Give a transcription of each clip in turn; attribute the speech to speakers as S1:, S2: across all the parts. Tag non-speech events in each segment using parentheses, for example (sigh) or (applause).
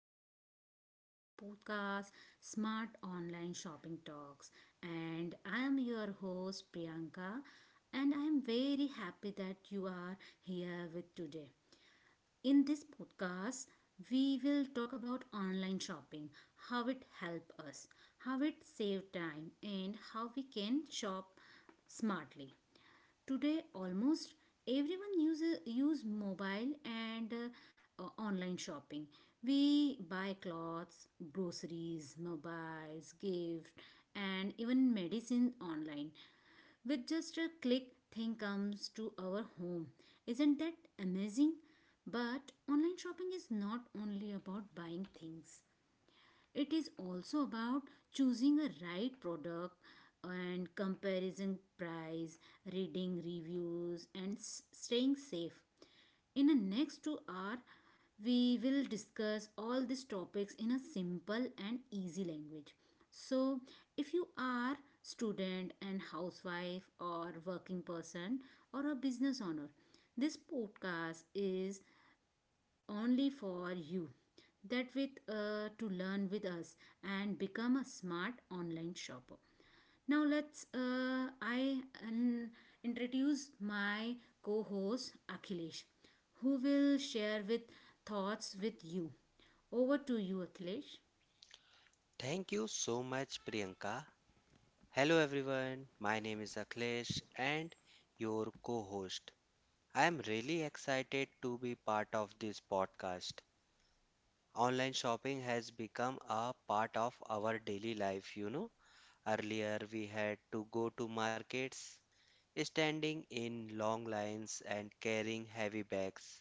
S1: welcome back to our podcast Smart Online Shopping Talks. And I am your host Priyanka, and I am very happy that you are here with today. In this podcast, we will talk about online shopping, how it helps us, how it saves time, and how we can shop smartly. Today, almost everyone uses use mobile and online shopping. We buy clothes, groceries, mobiles, gift, and even medicine online. With just a click, thing comes to our home. Isn't that amazing? But online shopping is not only about buying things. It is also about choosing a right product and comparison price, reading reviews, and staying safe. In the next 2 hour, we will discuss all these topics in a simple and easy language. So, if you are student and housewife or working person or a business owner, this podcast is only for you. That with to learn with us and become a smart online shopper. Now let's I um, introduce my co-host Akhilesh, who will share with thoughts with you. Over to you, Akhilesh.
S2: Thank you so much, Priyanka. Hello, everyone. My name is Akhilesh and your co host. I am really excited to be part of this podcast. Online shopping has become a part of our daily life. Earlier, we had to go to markets, standing in long lines and carrying heavy bags.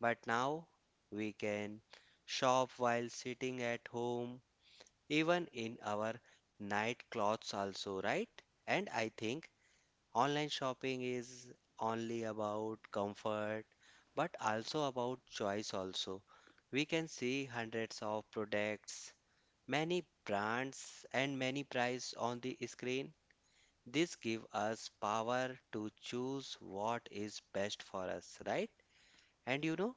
S2: But now, we can shop while sitting at home even in our night clothes also, right? And I think online shopping is only about comfort but also about choice also. We can see hundreds of products, many brands and many prices on the screen. This gives us power to choose what is best for us, right? And you know,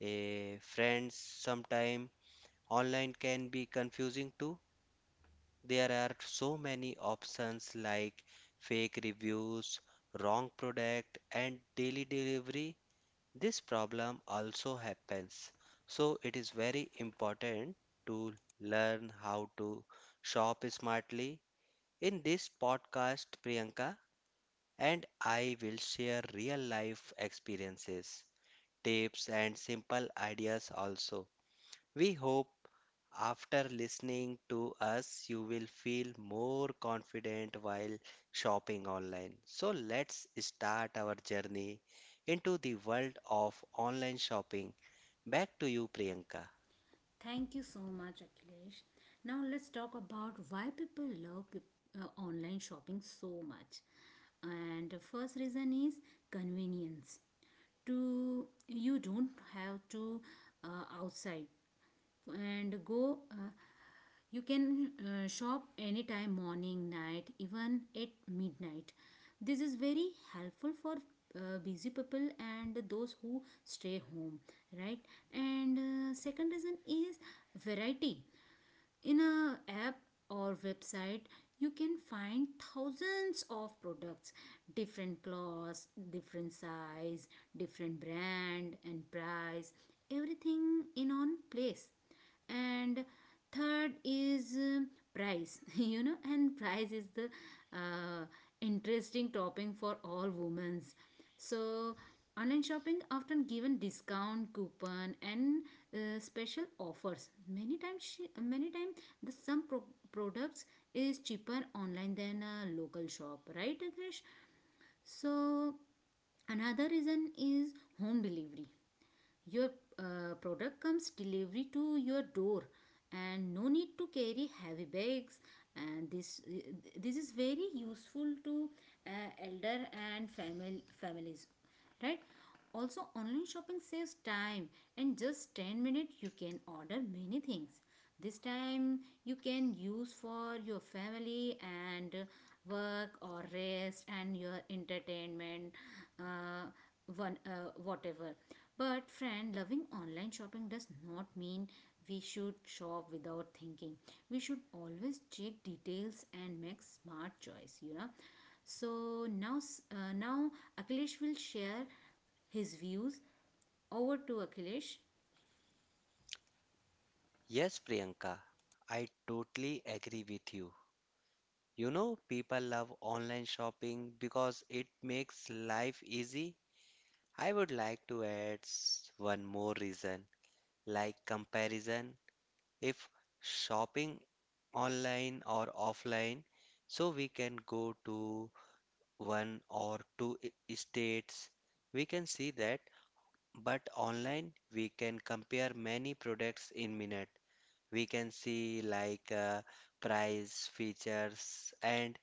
S2: friends, sometimes online can be confusing too. There are so many options like fake reviews, wrong product, and daily delivery. This problem also happens. So, it is very important to learn how to shop smartly. In this podcast, Priyanka and I will share real life experiences, tips, and simple ideas also. We hope after listening to us, you will feel more confident while shopping online. So, let's start our journey into the world of online shopping. Back to you, Priyanka.
S1: Thank you so much, Akhilesh. Now let's talk about why people love peop online shopping so much. And the first reason is convenience. To you don't have to outside and go, you can shop anytime, morning, night, even at midnight. This is very helpful for busy people and those who stay home, right? And second reason is variety in a app or website, you can find thousands of products, different clothes, different size, different brand and price, everything in one place. And third is price (laughs) you know, and price is the uh, interesting topping for all women's. So online shopping often given discount coupon and special offers. Many time the products is cheaper online than a local shop, right, agresh? So another reason is home delivery. Your product comes delivery to your door and no need to carry heavy bags. And this is very useful to uh, elder and family families, right? Also online shopping saves time. In just 10 minutes you can order many things. This time you can use for your family and work or rest and your entertainment. Uh, one whatever But, friend, loving online shopping does not mean we should shop without thinking. We should always check details and make smart choice, you know. So, now, now Akhilesh will share his views. Over to Akhilesh.
S2: Yes, Priyanka, I totally agree with you. You know, people love online shopping because it makes life easy. I would like to add one more reason, like comparison. If shopping online or offline. So we can go to one or two states. We can see that, but online we can compare many products in minute. We can see like price, features, and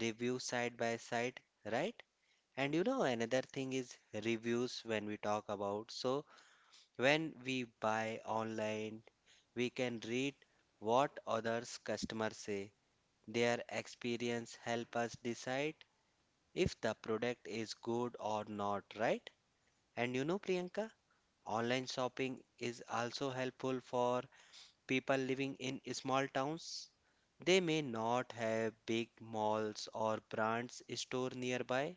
S2: review side by side, right? And you know, another thing is reviews when we talk about. So when we buy online, we can read what others customers say their experience help us decide if the product is good or not, right? And you know, Priyanka, online shopping is also helpful for people living in small towns. They may not have big malls or brands store nearby,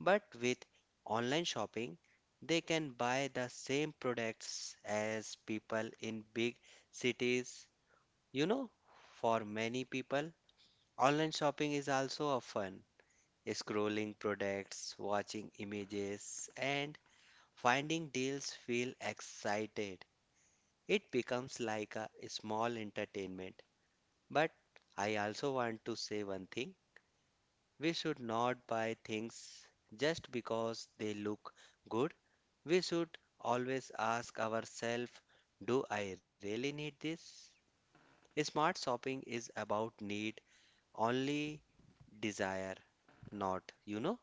S2: but with online shopping, they can buy the same products as people in big cities. You know, for many people, online shopping is also a fun scrolling products, watching images, and finding deals feel excited. It becomes like a small entertainment. But I also want to say one thing we should not buy things just because they look good. We should always ask ourselves, do I really need this? Smart shopping is about need, only desire, not.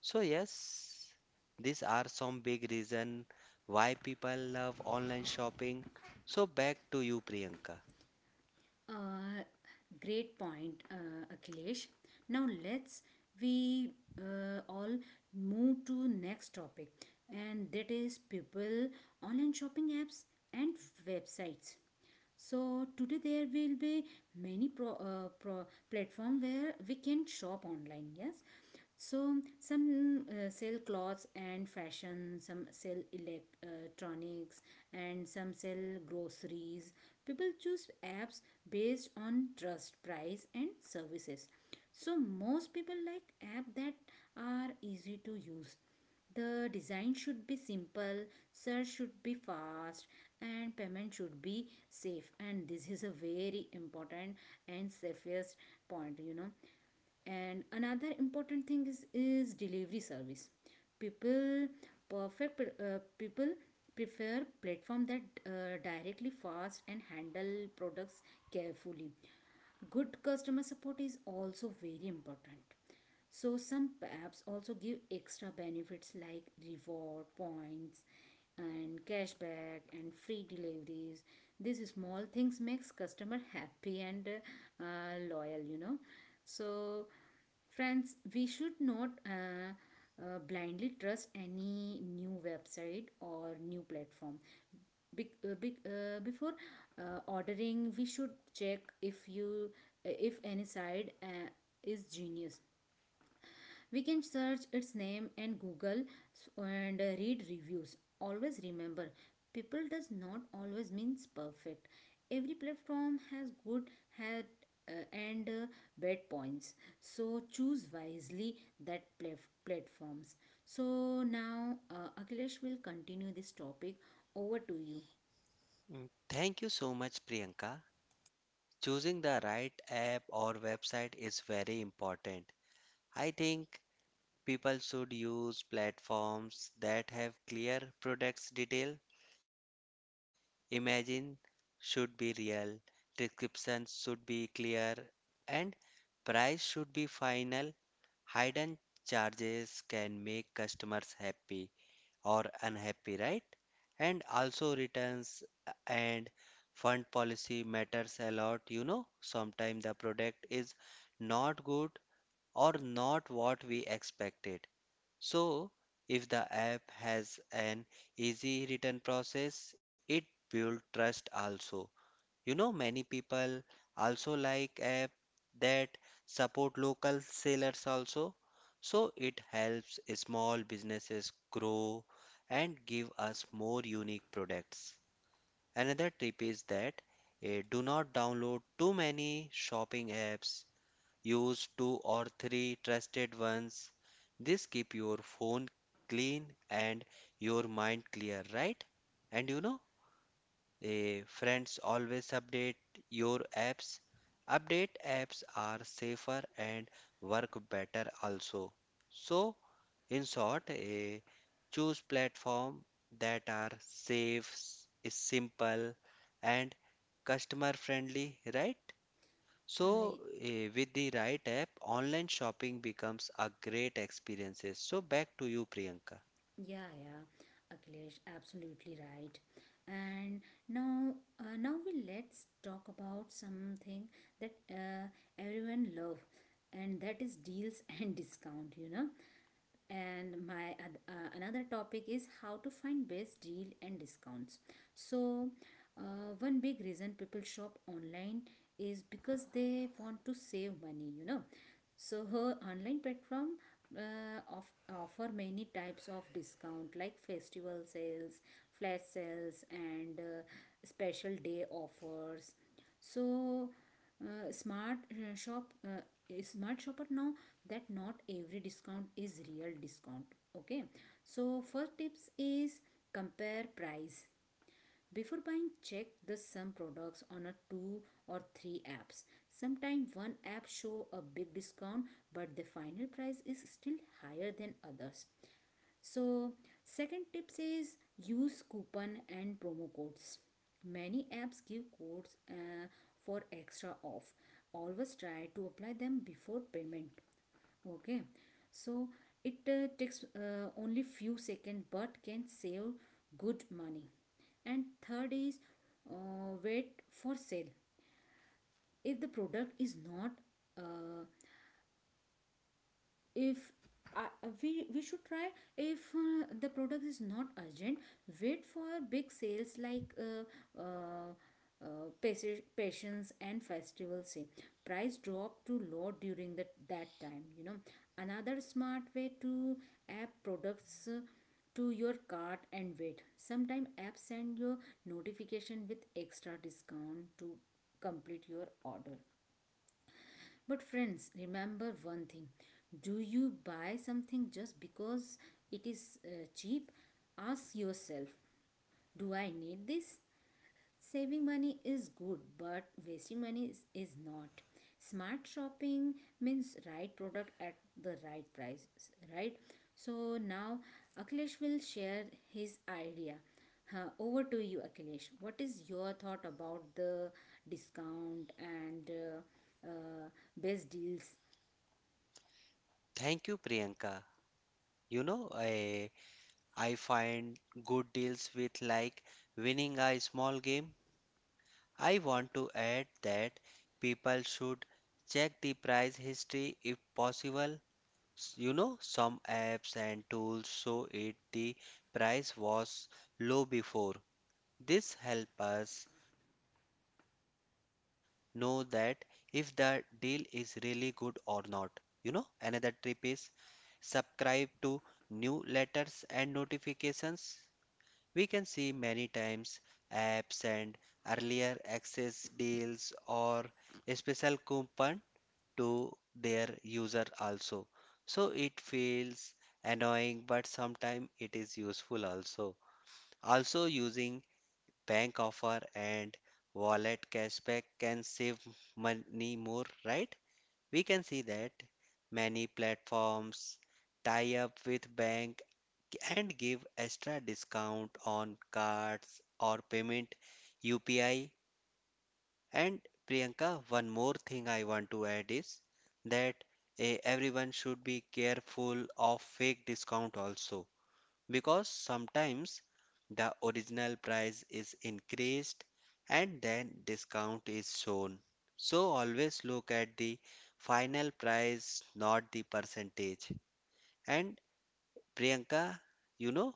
S2: So yes, these are some big reason why people love online shopping. So back to you, Priyanka.
S1: Uh, great point, Akhilesh. Now, let's we all move to next topic, and that is people online shopping apps and websites. So today there will be many pro platform where we can shop online, yes. So some sell clothes and fashion, some sell electronics, and some sell groceries. People choose apps based on trust, price, and services. So most people like app that are easy to use. The design should be simple, search should be fast, and payment should be safe. And this is a very important and safest point, you know. And another important thing is delivery service. People People prefer platform that directly fast and handle products carefully. Good customer support is also very important. So some apps also give extra benefits like reward points and cashback and free deliveries. These small things makes customer happy and loyal, you know. So friends, we should not blindly trust any new website or new platform. Before ordering, we should check if you if any side is genius. We can search its name and Google and read reviews. Always remember, people does not always means perfect. Every platform has good, had and bad points. So choose wisely that platforms. So now Akhilesh will continue this topic. Over to you.
S2: Mm. Thank you so much, Priyanka. Choosing the right app or website is very important. I think people should use platforms that have clear products detail. Imagine should be real, description should be clear, and price should be final. Hidden charges can make customers happy or unhappy, right? And also returns and fund policy matters a lot, you know. Sometimes the product is not good or not what we expected. So, if the app has an easy return process, it builds trust also. You know, many people also like app that support local sellers also. So it helps small businesses grow and give us more unique products. Another tip is that do not download too many shopping apps. Use two or three trusted ones. This keep your phone clean and your mind clear, right? And you know, friends, always update your apps. Update apps are safer and work better also. So, in short, choose platform that are safe, is simple, and customer friendly, right? So,
S1: Uh,
S2: with the right app, online shopping becomes a great experience. So, back to you, Priyanka.
S1: Yeah, yeah, Akhilesh, absolutely right. And now, now we let's talk about something that everyone love, and that is deals (laughs) and discount. You know, and my another topic is how to find best deal and discounts. So one big reason people shop online is because they want to save money, you know. So her online platform uh, of, offer many types of discount like festival sales, flash sales, and special day offers. So uh, smart uh, shop uh, smart shopper know that not every discount is real discount. Okay, so first tips is compare price. Before buying, check the some products on a two or three apps. Sometimes one app show a big discount but the final price is still higher than others. So, second tips is use coupon and promo codes. Many apps give codes for extra off. Always try to apply them before payment. Okay, so it takes only few seconds but can save good money. And third is wait for sale. If the product is not uh, if we we should try If the product is not urgent, wait for big sales like uh, pas- patients and festival sale, price drop to low during that time, you know. Another smart way to add products to your cart and wait. Sometime apps send your notification with extra discount to complete your order. But friends, remember one thing. Do you buy something just because it is cheap? Ask yourself, do I need this? Saving money is good, but wasting money is not. Smart shopping means right product at the right price, right? So now Akhilesh will share his idea. Huh, over to you, Akhilesh. What is your thought about the discount and uh, best deals?
S2: Thank you, Priyanka. You know, I find good deals with like winning a small game. I want to add that people should check the price history if possible. You know, some apps and tools show it the price was low before. This helps us know that if the deal is really good or not. You know, another tip is subscribe to newsletters and notifications. We can see many times apps and earlier access deals or a special coupon to their user also. So it feels annoying but sometimes it is useful also. Also using bank offer and wallet cashback can save money more, right? We can see that many platforms tie up with bank and give extra discount on cards or payment UPI. And Priyanka, one more thing I want to add is that everyone should be careful of fake discount also because sometimes the original price is increased and then discount is shown. So always look at the final price, not the percentage. And Priyanka, you know,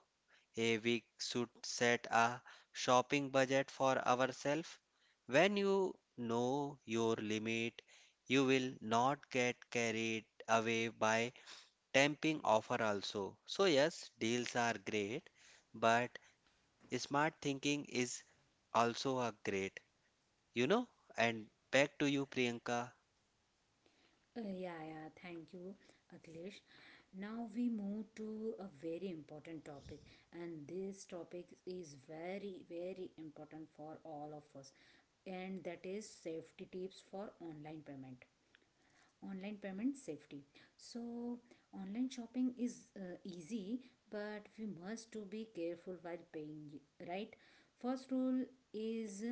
S2: a we should set a shopping budget for ourselves. When you know your limit, you will not get carried away by tempting offer also. So yes, deals are great, but smart thinking is also a great, you know? And back to you, Priyanka.
S1: Yeah, yeah, thank you, Akhilesh. Now we move to a very important topic, and this topic is very, very important for all of us, and that is safety tips for online payment, online payment safety. So online shopping is easy, but we must to be careful while paying, right? First rule is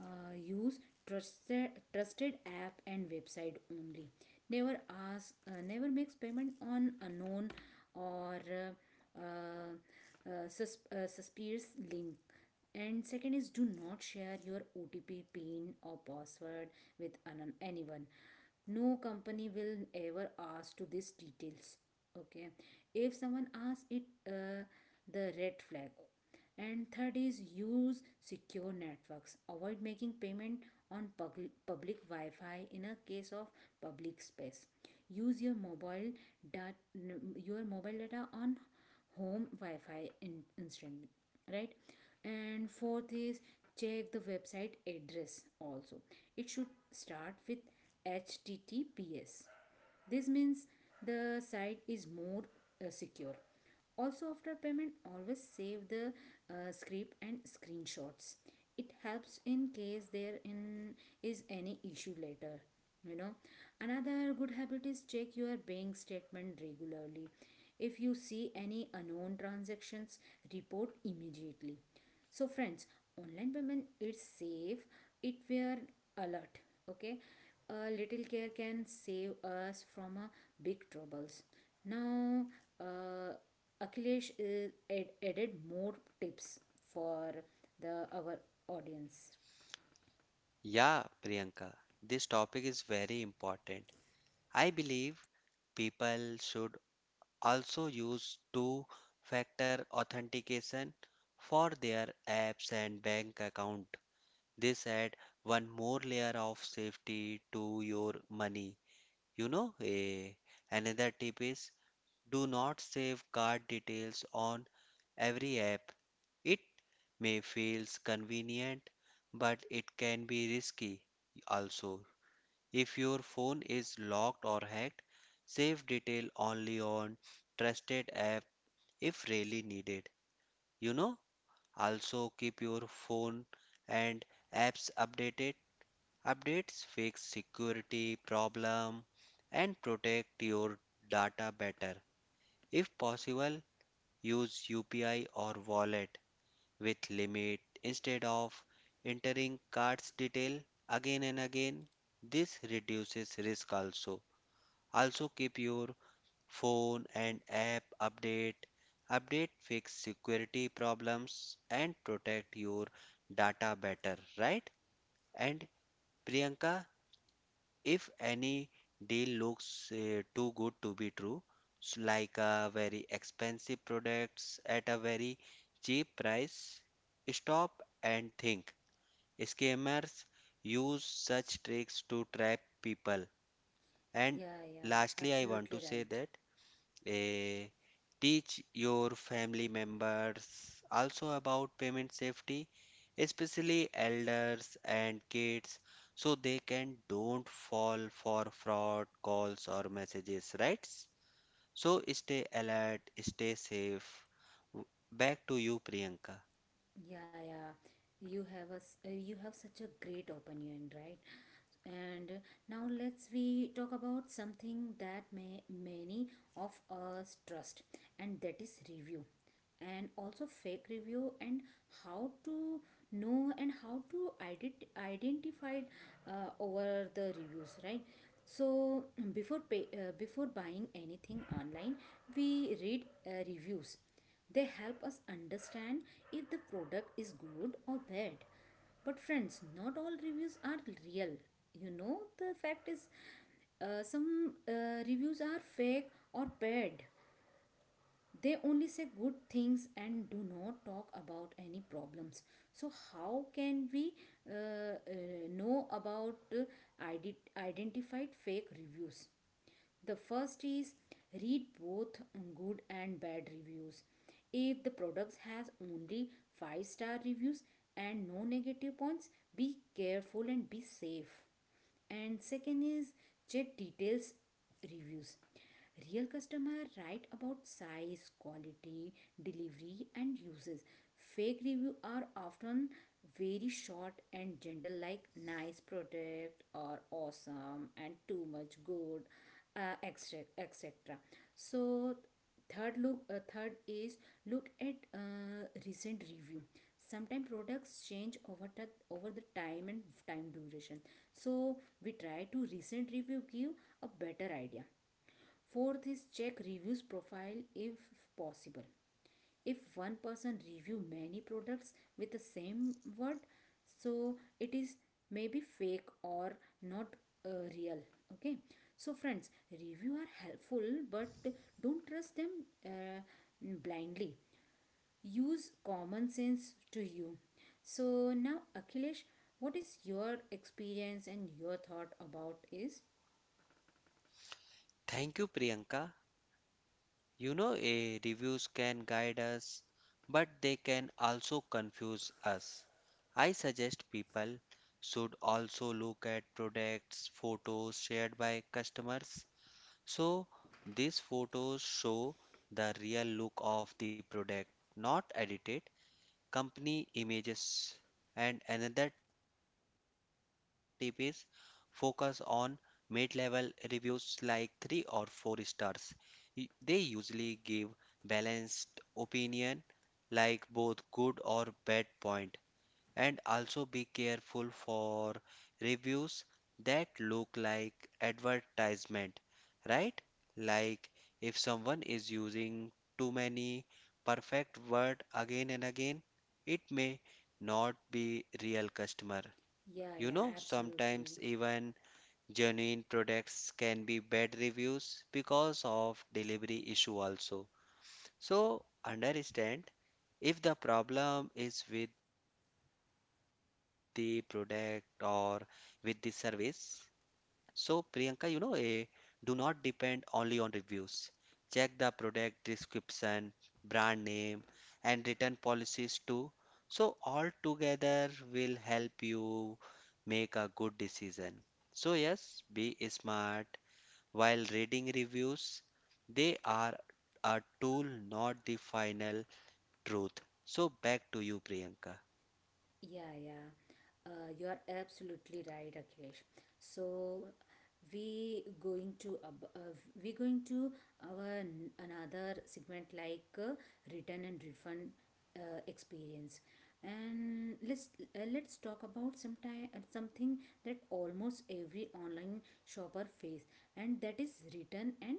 S1: use trusted app and website only. never Never makes payment on unknown or suspicious link. And second is do not share your otp pin or password with anyone. No company will ever ask to these details. Okay, if someone asks it, the red flag. And third is use secure networks. Avoid making payment on public wi-fi. In a case of public space, use your mobile dat- your mobile data on home Wi-Fi in instantly, right? And fourth is check the website address also. It should start with HTTPS. This means the site is more secure. Also, after payment, always save the script and screenshots. It helps in case there in is any issue later. You know, another good habit is check your bank statement regularly. If you see any unknown transactions, report immediately. So friends, online payment is safe. It we're alert. Okay, a little care can save us from a big troubles. Now, uh, akhilesh is added more tips for the our audience.
S2: Yeah, Priyanka, this topic is very important. I believe people should also use two factor authentication for their apps and bank account. This adds one more layer of safety to your money. You know, Another tip is do not save card details on every app. It may feels convenient, but it can be risky also. If your phone is locked or hacked, save detail only on trusted apps if really needed. You know, also keep your phone and apps updated. Updates fix security problem and protect your data better. If possible, use UPI or wallet with limit instead of entering card's detail again and again. This reduces risk also. Also keep your phone and app update. Update fix security problems and protect your data better, right? And Priyanka, if any deal looks too good to be true, like a very expensive products at a very cheap price, stop and think. Scammers use such tricks to trap people. And
S1: Yeah, yeah,
S2: lastly, I want to
S1: absolutely
S2: say that
S1: right.
S2: Eh, teach your family members also about payment safety, especially elders and kids, so they can don't fall for fraud calls or messages, right? So stay alert, stay safe. W- Back to you, Priyanka.
S1: Yeah, yeah. You have a you have such a great opinion, right? And now let's we talk about something that may many of us trust, and that is review, and also fake review, and how to know and how to identify over the reviews, right? So before buying anything online, we read reviews. They help us understand if the product is good or bad. But, friends, not all reviews are real. You know, the fact is, some reviews are fake or bad. They only say good things and do not talk about any problems. So, how can we uh, uh, know about uh, identified fake reviews? The first is read both good and bad reviews. If the product has only 5-star reviews and no negative points, be careful and be safe. And second is check details reviews. Real customer write about size, quality, delivery and uses. Fake review are often very short and general like nice product or awesome and too much good, etc etc. So third is look at recent review. Sometimes products change over the time and time duration. So we try to recent review give a better idea. Fourth is check reviews profile if possible. If one person review many products with the same word, so it is maybe fake or not real. Okay, so friends, review are helpful, but don't trust them uh, blindly. Use common sense to you. So now, Akhilesh, what is your experience and your thought about is?
S2: Thank you, Priyanka. You know, reviews can guide us, but they can also confuse us. I suggest people should also look at products, photos shared by customers. So, these photos show the real look of the product, not edited company images. And another tip is focus on mid level reviews like 3 or 4 stars. Y- They usually give balanced opinion like both good or bad point and also be careful for reviews that look like advertisement, right? Like if someone is using too many perfect word again and again, it may not be real customer.
S1: Yeah,
S2: You
S1: yeah,
S2: know, sometimes
S1: absolutely.
S2: even genuine products can be bad reviews because of delivery issue also. So understand if the problem is with the product or with the service. So Priyanka, you know, do not depend only on reviews. Check the product description, brand name, and return policies too. So, all together will help you make a good decision. So, yes, be smart while reading reviews. They are a tool, not the final truth. So back to you, Priyanka.
S1: Yeah, yeah. You're absolutely right, Akhilesh. So we going to ab- uh, we going to another segment like return and refund experience, and let's talk about sometime something that almost every online shopper face, and that is return and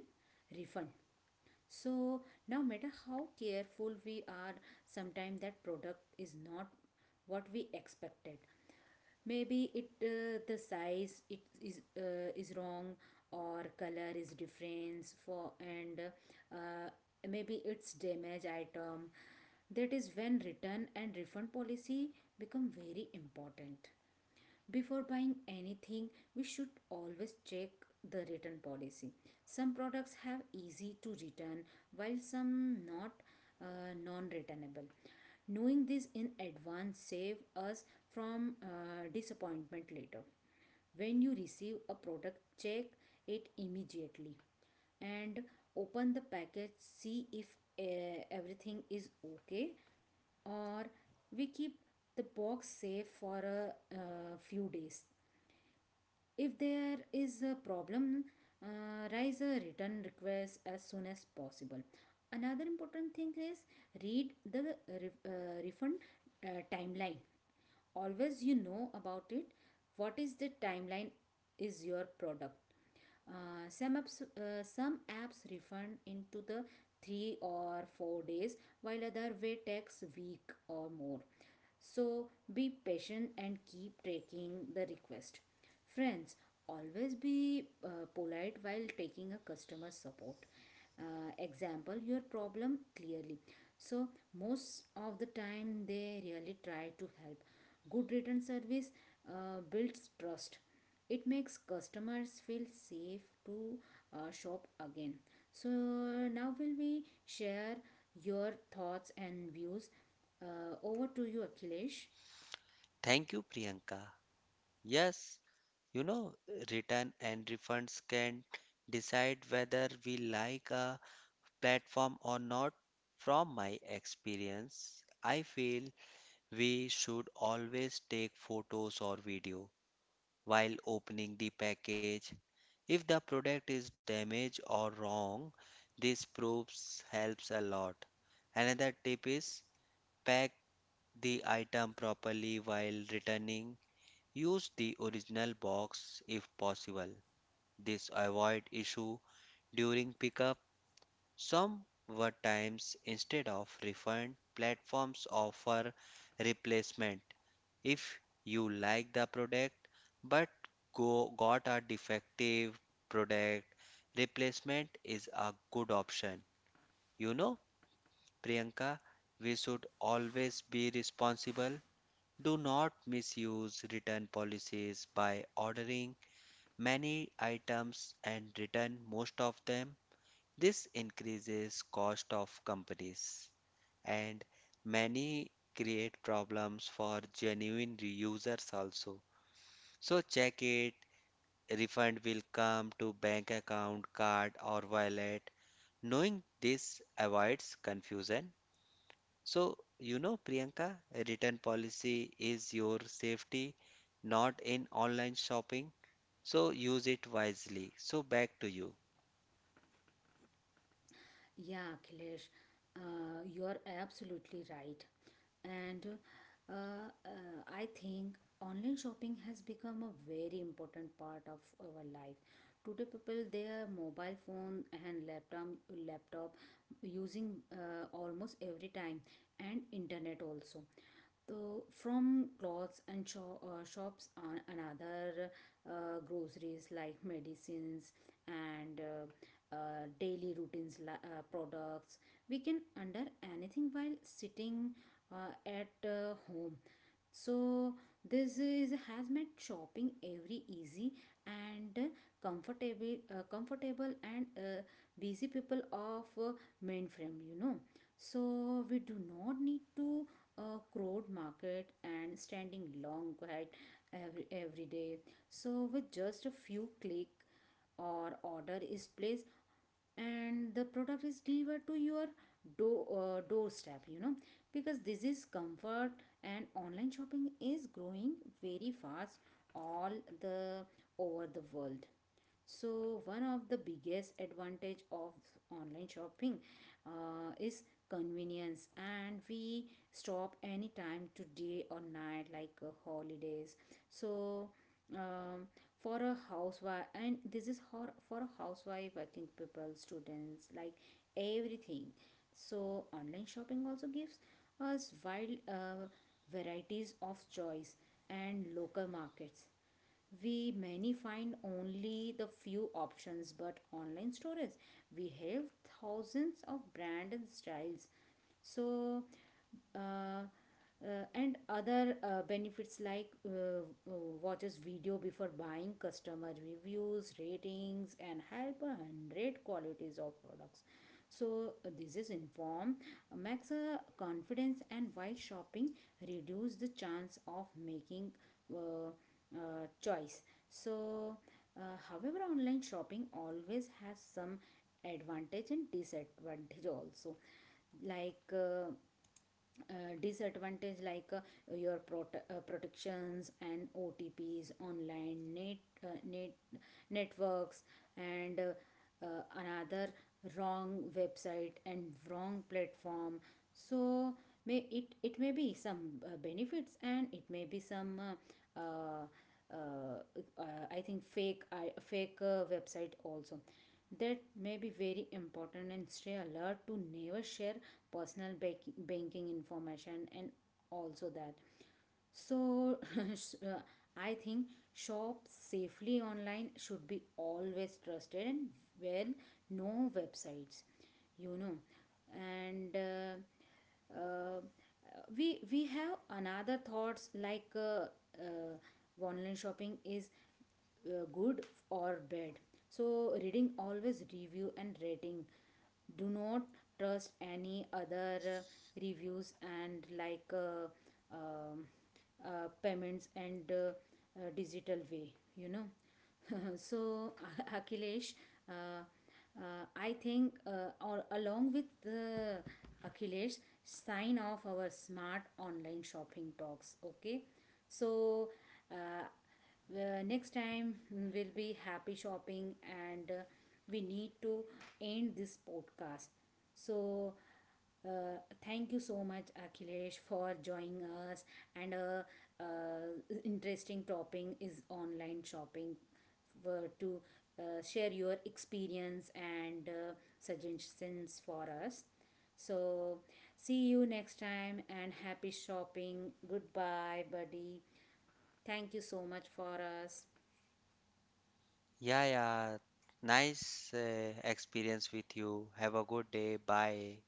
S1: refund. So no matter how careful we are, sometimes that product is not what we expected. Maybe it the size it is wrong or color is different for and uh, maybe it's damaged item. That is when return and refund policy become very important. Before buying anything, we should always check the return policy. Some products have easy to return while some not, non-returnable. Knowing this in advance save us from disappointment later. When you receive a product, check it immediately and open the package, see if everything is okay, or we keep the box safe for a few days. If there is a problem, raise a return request as soon as possible. Another important thing is read the refund timeline. Always you know about it. What is the timeline is your product? Some apps refund into the 3 or 4 days, while other way takes week or more. So be patient and keep taking the request. Friends, always be polite while taking a customer support. Example your problem clearly. So most of the time they really try to help. Good return service builds trust, it makes customers feel safe to shop again. So now will we share your thoughts and views, over to you, Akhilesh.
S2: Thank you, Priyanka. Yes, you know, return and refunds can decide whether we like a platform or not. From my experience, I feel we should always take photos or video while opening the package. If the product is damaged or wrong, this proves helps a lot. Another tip is pack the item properly while returning. Use the original box if possible. This avoid issue during pickup. Some were times instead of refund, platforms offer replacement if you like the product but go got a defective product. Replacement is a good option. You know, Priyanka, we should always be responsible do not misuse return policies by ordering many items and return most of them. This increases cost of companies and many create problems for genuine reusers also. So check it, refund will come to bank account, card or wallet. Knowing this avoids confusion. So, you know, Priyanka, return policy is your safety, not in online shopping. So, use it wisely. So, back to you.
S1: Yeah, Akhilesh, you're absolutely right. And uh, I think online shopping has become a very important part of our life. Today, people their mobile phone and laptop using almost every time, and internet also. So from clothes and shops on another groceries like medicines and daily routines products we can under anything while sitting at home. So this is has made shopping every easy and comfortable and busy people of mainframe, you know. So we do not need to crowd market and standing long quite every day. So with just a few click or order is placed and the product is delivered to your doorstep, you know, because this is comfort. And online shopping is growing very fast all the over the world. So one of the biggest advantage of online shopping is convenience, and we stop anytime today or night like holidays. So um, for a housewife, and this is for a housewife, working people, students, like everything. So online shopping also gives us wide varieties of choice. And local markets we many find only the few options, but online stores we have thousands of brand and styles. So uh, and other benefits like watches video before buying, customer reviews, ratings and help a hundred qualities of products. So this is inform max confidence and while shopping reduce the chance of making uh, choice. So however online shopping always has some advantage and disadvantage also, like disadvantage like your protections and OTPs, online net net networks, and another wrong website and wrong platform. So may it may be some benefits, and it may be some uh, uh, I think fake website also. That may be very important, and stay alert to never share personal banking information and also that. So, (laughs) s- uh, I think shop safely online should be always trusted and, well, no websites, you know, and. uh, we have another thoughts like uh, online shopping is good or bad. So reading always review and rating, do not trust any other reviews and like um payments and digital way, you know. (laughs) So (laughs) Akhilesh, uh, uh, I think or along with the Akhilesh, sign off our smart online shopping talks, okay. So uh, next time will be happy shopping, and we need to end this podcast. So uh, thank you so much, Akhilesh, for joining us. And a interesting topic is online shopping, were to share your experience and suggestions for us. So see you next time and happy shopping. Goodbye, buddy. Thank you so much for us.
S2: Yeah, yeah. Nice experience with you. Have a good day. Bye.